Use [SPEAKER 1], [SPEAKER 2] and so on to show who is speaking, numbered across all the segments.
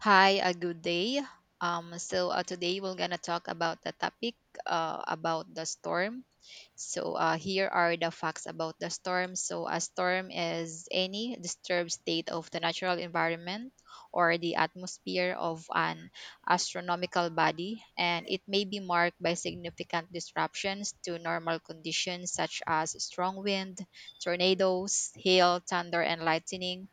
[SPEAKER 1] Hi, a good day. So today we're gonna talk about the topic about the storm. So here are the facts about the storm. So a storm is any disturbed state of the natural environment or the atmosphere of an astronomical body, and it may be marked by significant disruptions to normal conditions such as strong wind, tornadoes, hail, thunder, and lightning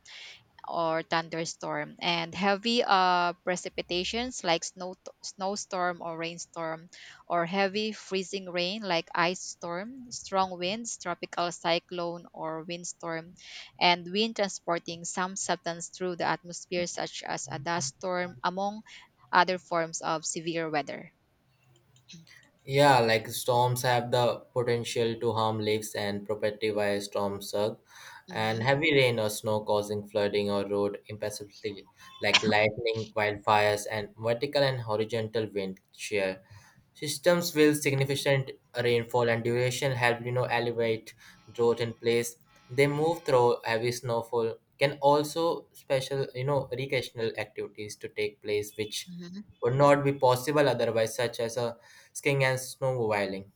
[SPEAKER 1] or thunderstorm and heavy precipitations like snowstorm or rainstorm, or heavy freezing rain like ice storm, strong winds, tropical cyclone or windstorm, and wind transporting some substance through the atmosphere such as a dust storm, among other forms of severe weather.
[SPEAKER 2] Yeah, like storms have the potential to harm lives and property via storm surge and
[SPEAKER 1] Mhm.
[SPEAKER 2] heavy rain or snow causing flooding or road impassability, like lightning, wildfires, and vertical and horizontal wind shear. Systems with significant rainfall and duration help elevate drought in place. They move through heavy snowfall. Can also special recreational activities to take place which
[SPEAKER 1] Mhm.
[SPEAKER 2] would not be possible otherwise, such as a skiing and snowmobiling.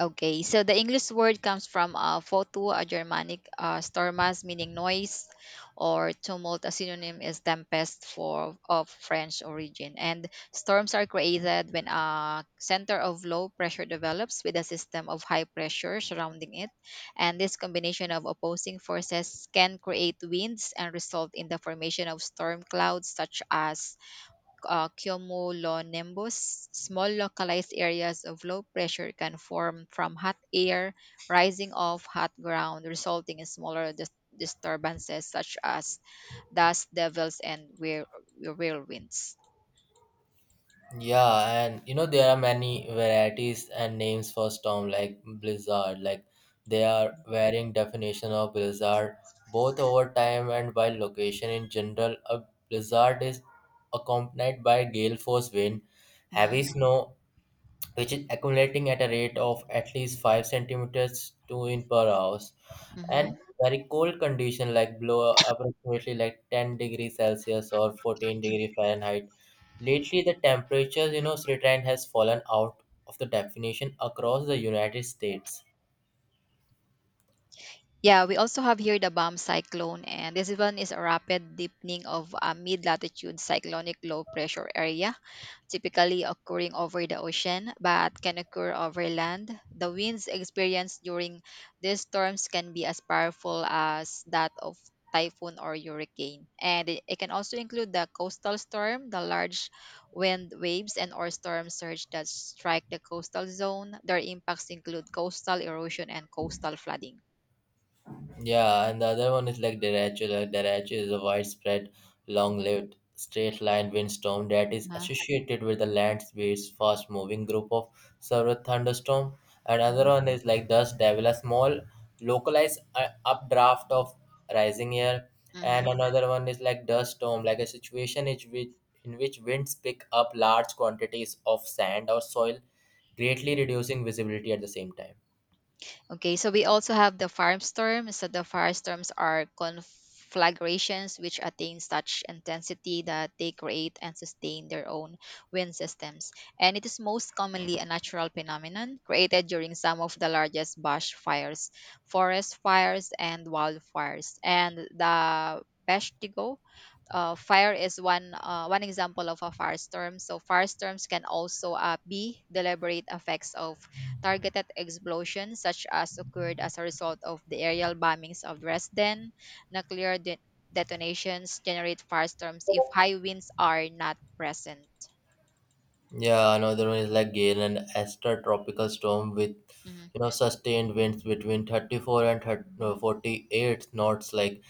[SPEAKER 1] Okay, so the English word comes from photo, a Germanic stormas, meaning noise or tumult. A synonym is tempest, for of French origin. And storms are created when a center of low pressure develops with a system of high pressure surrounding it. And this combination of opposing forces can create winds and result in the formation of storm clouds, such as cumulonimbus. Small localized areas of low pressure can form from hot air rising off hot ground, resulting in smaller disturbances such as dust devils and whirlwinds.
[SPEAKER 2] Yeah, and there are many varieties and names for storm like blizzard. Like they are varying definition of blizzard both over time and by location. In general, a blizzard is accompanied by gale force wind, heavy
[SPEAKER 1] Mhm.
[SPEAKER 2] snow, which is accumulating at a rate of at least 5 centimeters to in per hour, and
[SPEAKER 1] Mhm.
[SPEAKER 2] very cold condition like below approximately like 10 degrees Celsius or 14-degree Fahrenheit. Lately, the temperatures, retrend has fallen out of the definition across the United States.
[SPEAKER 1] Yeah, we also have here the bomb cyclone, and this one is a rapid deepening of a mid latitude cyclonic low pressure area typically occurring over the ocean but can occur over land. The winds experienced during these storms can be as powerful as that of typhoon or hurricane. And it can also include the coastal storm, the large wind waves and or storm surge that strike the coastal zone. Their impacts include coastal erosion and coastal flooding.
[SPEAKER 2] Yeah, and the other one is like Derecho. Like derecho is a widespread, long-lived, straight-line windstorm that is
[SPEAKER 1] Mhm.
[SPEAKER 2] associated with the land speed's fast-moving group of several thunderstorm. Another
[SPEAKER 1] Mhm.
[SPEAKER 2] one is like Dust Devil, a small, localized updraft of rising air. And
[SPEAKER 1] Mhm.
[SPEAKER 2] another one is like dust storm, like a situation in which winds pick up large quantities of sand or soil, greatly reducing visibility at the same time.
[SPEAKER 1] Okay, so we also have the firestorm. So the firestorms are conflagrations which attain such intensity that they create and sustain their own wind systems. And it is most commonly a natural phenomenon created during some of the largest bush fires, forest fires, and wildfires. And the Peshtigo fire is one example of a firestorm. So firestorms can also be deliberate effects of targeted explosions, such as occurred as a result of the aerial bombings of Dresden. Nuclear detonations generate firestorms if high winds are not present.
[SPEAKER 2] Yeah, another one is like Gale and Esther tropical storm with
[SPEAKER 1] Mhm.
[SPEAKER 2] sustained winds between 34 and 30, 48 knots like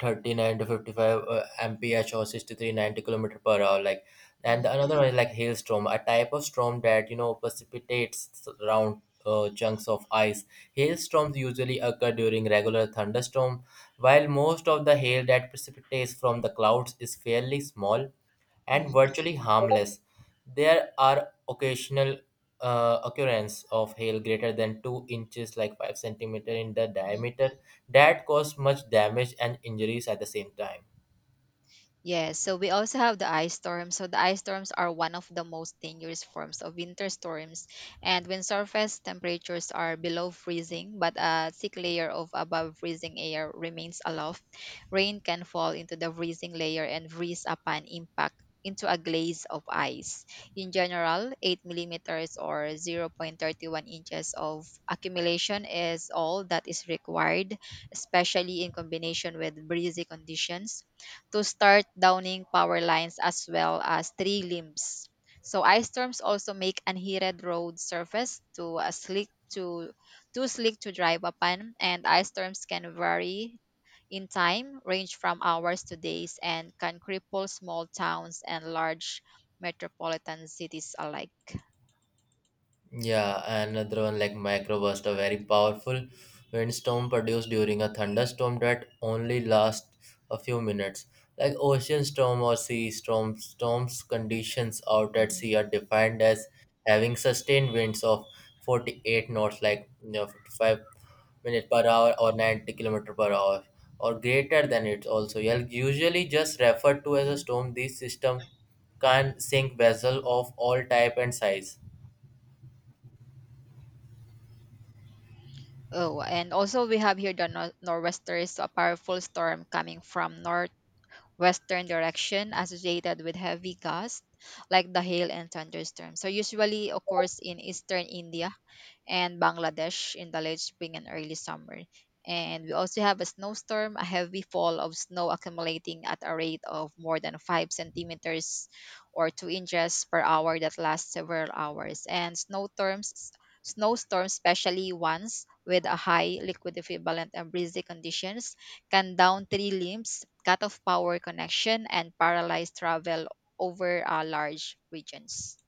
[SPEAKER 2] 39 to 55 mph or 63 90 kilometer per hour. Like, and
[SPEAKER 1] Mhm.
[SPEAKER 2] the another one is like hailstorm, a type of storm that precipitates round chunks of ice. Hailstorms usually occur during regular thunderstorm while most of the hail that precipitates from the clouds is fairly small and
[SPEAKER 1] Mhm.
[SPEAKER 2] virtually harmless. There are occasional occurrence of hail greater than 2 inches like 5 centimeter in the
[SPEAKER 1] Mhm.
[SPEAKER 2] diameter that caused much damage and injuries at the same time.
[SPEAKER 1] Yes, so we also have the ice storms. So the ice storms are one of the most dangerous forms of winter storms. And when surface temperatures are below freezing, but a thick layer of above freezing air remains aloft, rain can fall into the freezing layer and freeze upon impact into a glaze of ice. In general, 8 millimeters or 0.31 inches of accumulation is all that is required, especially in combination with breezy conditions, to start downing power lines as well as tree limbs. So ice storms also make unheated road surface to a slick, to too slick to drive upon, and ice storms can vary in time, range from hours to days, and can cripple small towns and large metropolitan cities alike.
[SPEAKER 2] Yeah, and another one like microburst, a very powerful windstorm produced during a thunderstorm that only lasts a few minutes. Like ocean storm or sea storm, storms conditions out at
[SPEAKER 1] Mhm.
[SPEAKER 2] sea are defined as having sustained winds of 48 knots, like 55 minute per hour or 90 kilometer per hour or greater than it also, yeah, usually just referred to as a
[SPEAKER 1] Mhm.
[SPEAKER 2] storm this system can sink vessel of all type and size.
[SPEAKER 1] Oh, and also we have here the nor'westers, a powerful storm coming from north western direction associated with heavy gusts like the hail and thunderstorms. So usually occurs in eastern India and Bangladesh in the late spring and early summer. And we also have a snowstorm, a heavy fall of snow accumulating at a rate of more than 5 centimeters or 2 inches per hour that lasts several hours. And snowstorms, especially ones with a high liquid equivalent and breezy conditions, can down tree limbs, cut off power connection, and paralyze travel over large regions.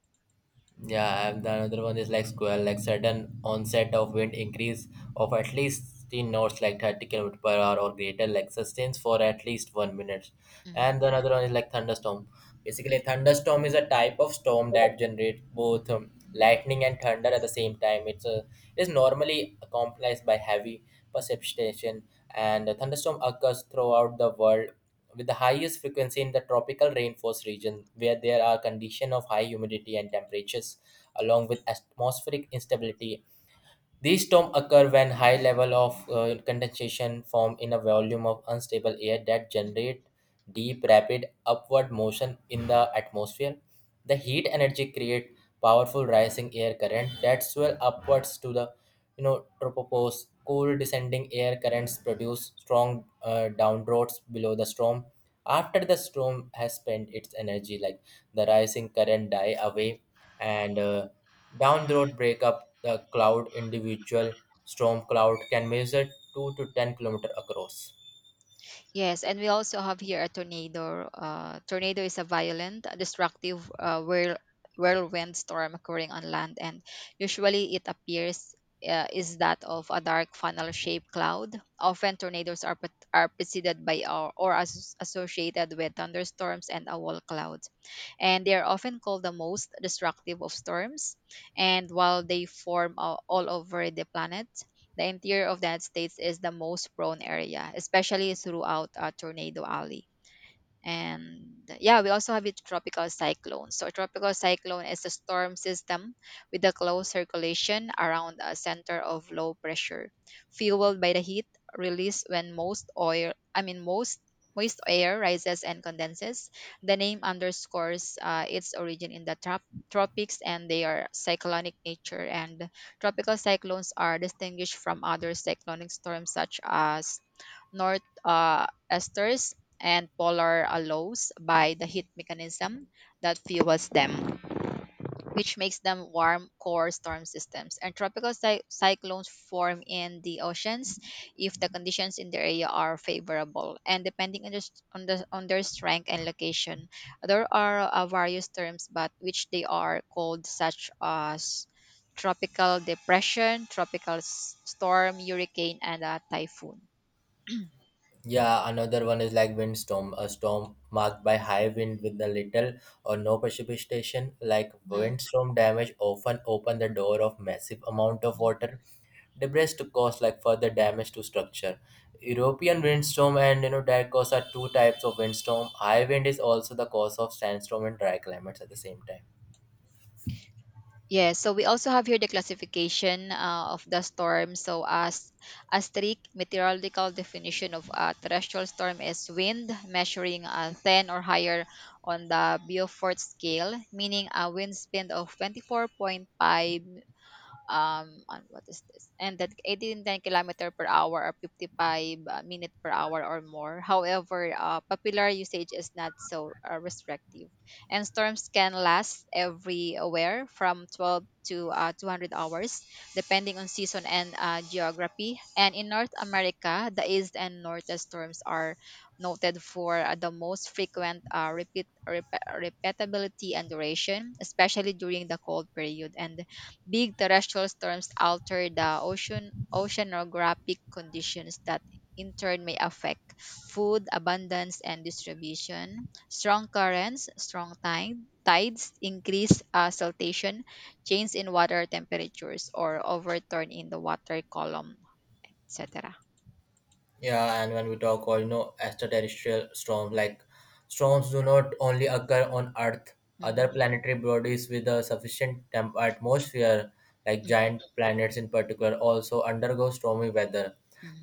[SPEAKER 2] Yeah, and the another one is like squall, like sudden onset of wind increase of at least in knots, like 30 km per hour or greater, like sustains for at least 1 minute.
[SPEAKER 1] Mhm.
[SPEAKER 2] And the another one is like thunderstorm. Basically, thunderstorm is a type of storm that generates both lightning and thunder at the same time. It is normally accomplished by heavy precipitation, and a thunderstorm occurs throughout the world with the highest frequency in the tropical rainforest region where there are conditions of high humidity and temperatures along with atmospheric instability. These storms occur when high level of condensation form in a volume of unstable air that generate deep rapid upward motion in the atmosphere. The heat energy create powerful rising air current that swell upwards to the tropopause. Cool descending air currents produce strong downdrafts below the storm. After the storm has spent its energy, like the rising current die away and downdraft break up the cloud. Individual storm cloud can measure 2 to 10 kilometer across.
[SPEAKER 1] Yes, and we also have here a tornado. Tornado is a violent, destructive whirlwind storm occurring on land, and usually it appears is that of a dark funnel-shaped cloud. Often, tornadoes are preceded by, or associated with, thunderstorms and a wall cloud, and they are often called the most destructive of storms. And while they form all over the planet, the interior of that states is the most prone area, especially throughout Tornado Alley. And yeah, we also have a tropical cyclone. So a tropical cyclone is a storm system with a close circulation around a center of low pressure, fueled by the heat released when most oil, I mean, most moist air rises and condenses. The name underscores its origin in the tropics and they are cyclonic nature, and tropical cyclones are distinguished from other cyclonic storms such as north esters and polar allows by the heat mechanism that fuels them, which makes them warm core storm systems. And tropical cyclones form in the oceans if the conditions in the area are favorable. And depending on their strength and location, there are various terms, but which they are called, such as tropical depression, tropical storm, hurricane, and a typhoon.
[SPEAKER 2] Yeah, another one is like windstorm, a storm marked by high wind with a little or no precipitation. Like
[SPEAKER 1] Mhm.
[SPEAKER 2] windstorm damage often open the door of massive amount of water, debris to cause like further damage to structure. European windstorm and dry cause are two types of windstorm. High wind is also the cause of sandstorm and dry climates at the same time.
[SPEAKER 1] Yeah, so we also have here the classification of the storm. So as a strict meteorological definition of a terrestrial storm is wind measuring 10 or higher on the Beaufort scale, meaning a wind speed of 24.5, on what is this? And that 89 kilometer per hour or 55 minute per hour or more. However, popular usage is not so restrictive, and storms can last everywhere from 12 to 200 hours, depending on season and geography. And in North America, the east and northeast storms are noted for the most frequent repeatability and duration, especially during the cold period. And big terrestrial storms alter the ocean oceanographic conditions that in turn may affect food abundance and distribution. Strong currents, tides increase saltation, change in water temperatures, or overturn in the water column, etc.
[SPEAKER 2] Yeah, and when we talk all extraterrestrial storms, like storms do not only occur on Earth. Other
[SPEAKER 1] Mhm.
[SPEAKER 2] planetary bodies with a sufficient atmosphere, like
[SPEAKER 1] Mm.
[SPEAKER 2] giant planets in particular, also undergo stormy weather.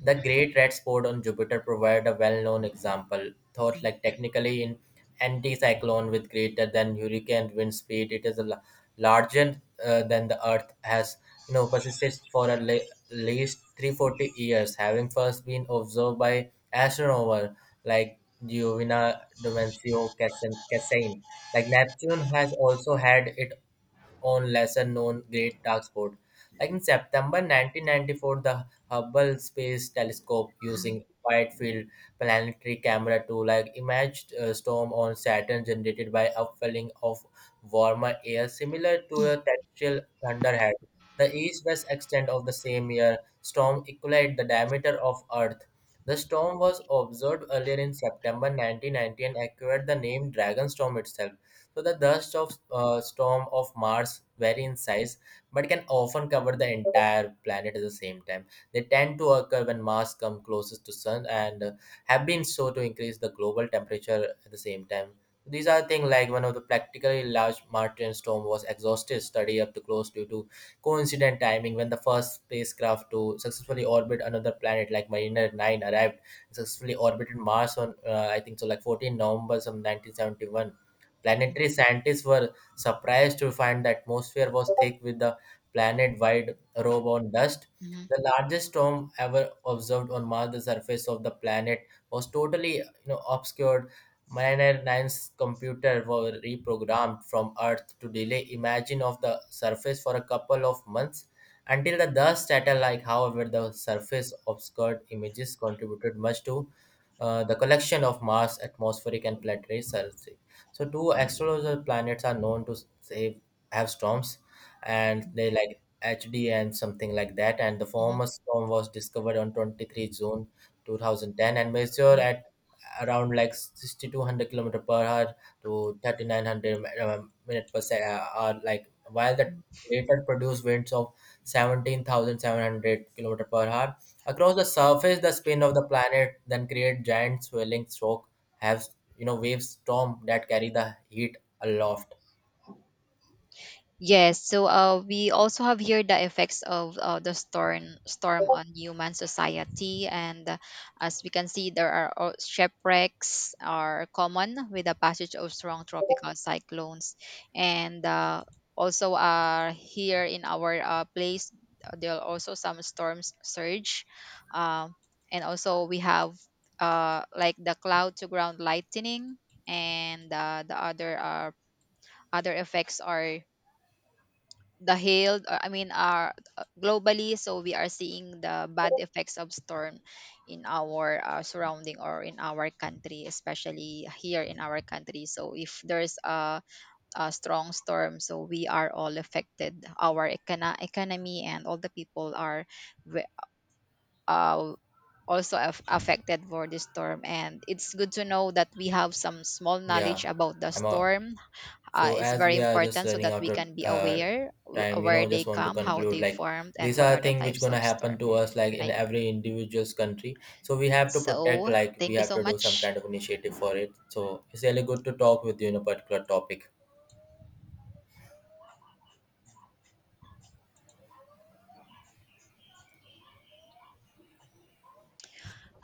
[SPEAKER 2] The great red spot on Jupiter provided a well-known example. Thought
[SPEAKER 1] Mm.
[SPEAKER 2] like technically in anticyclone with greater than hurricane wind speed, it is a larger than the Earth has persisted for at least 340 years, having first been observed by astronomers like Giovanni Domenico Cassin. Like Neptune has also had its on lesser known great dark spot. Like in September 1994, the Hubble Space Telescope using wide field planetary camera to like imaged a storm on Saturn generated by upwelling of warmer air similar to
[SPEAKER 1] Mm. Mm.
[SPEAKER 2] a terrestrial thunderhead. The east-west extent of the same year storm equaled the diameter of Earth. The storm was observed earlier in September 1990 and acquired the name Dragon Storm itself. So the dust of storm of Mars vary in size, but can often cover the entire planet at the same time. They tend to occur when Mars comes closest to Sun and have been so to increase the global temperature at the same time. These are things like one of the practically large Martian storm was exhaustive study up to close due to coincident timing when the first spacecraft to successfully orbit another planet like Mariner 9 arrived successfully orbited Mars on I think so like 14 November some 1971. Planetary scientists were surprised to find the atmosphere was thick with the planet wide robe on dust.
[SPEAKER 1] Mhm.
[SPEAKER 2] The largest storm ever observed on Mars, the surface of the planet, was totally obscured. Mariner 9's computer were reprogrammed from Earth to delay imaging of the surface for a couple of months until the dust settled. Like, however, the surface obscured images contributed much to the collection of Mars atmospheric and planetary surface. So two astrological planets are known to say have storms, and they like HD and something like that. And the
[SPEAKER 1] Mhm.
[SPEAKER 2] former storm was discovered on 23 June 2010 and
[SPEAKER 1] Mhm.
[SPEAKER 2] measured
[SPEAKER 1] Mhm.
[SPEAKER 2] at around like 6,200 kilometer per hour to 3,900 minute per second. Or like while the later produced winds of 17,700 kilometer per hour. Across the surface, the spin of the planet then creates giant swelling stroke, have wave storm that carry the heat aloft.
[SPEAKER 1] Yes, so we also have here the effects of the storm on human society, and as we can see, there are shipwrecks are common with the passage of strong tropical cyclones, and also here in our place, there are also some storms surge, uh, and also we have like the cloud to ground lightning, and the other effects are the hail, I mean, are globally, so we are seeing the bad effects of storm in our surrounding or in our country, especially here in our country. So if there's a strong storm, so we are all affected, our economy, and all the people are ve- uh, also affected for this storm. And it's good to know that we have some small knowledge
[SPEAKER 2] Yeah,
[SPEAKER 1] about the
[SPEAKER 2] I'm all.
[SPEAKER 1] storm,
[SPEAKER 2] So
[SPEAKER 1] is
[SPEAKER 2] as
[SPEAKER 1] very
[SPEAKER 2] we are just
[SPEAKER 1] important so
[SPEAKER 2] running
[SPEAKER 1] that
[SPEAKER 2] out
[SPEAKER 1] we
[SPEAKER 2] of
[SPEAKER 1] can be aware
[SPEAKER 2] time,
[SPEAKER 1] where they
[SPEAKER 2] just want to
[SPEAKER 1] come, how
[SPEAKER 2] conclude
[SPEAKER 1] they
[SPEAKER 2] like
[SPEAKER 1] formed, and
[SPEAKER 2] these
[SPEAKER 1] what
[SPEAKER 2] are
[SPEAKER 1] are the
[SPEAKER 2] things which
[SPEAKER 1] types
[SPEAKER 2] gonna
[SPEAKER 1] of
[SPEAKER 2] happen
[SPEAKER 1] storm,
[SPEAKER 2] to us like in
[SPEAKER 1] right?
[SPEAKER 2] every individual's country. So we have to protect,
[SPEAKER 1] So,
[SPEAKER 2] like we
[SPEAKER 1] thank you
[SPEAKER 2] have
[SPEAKER 1] so
[SPEAKER 2] to do some
[SPEAKER 1] much.
[SPEAKER 2] kind of initiative for it. So it's really good to talk with you in a particular topic.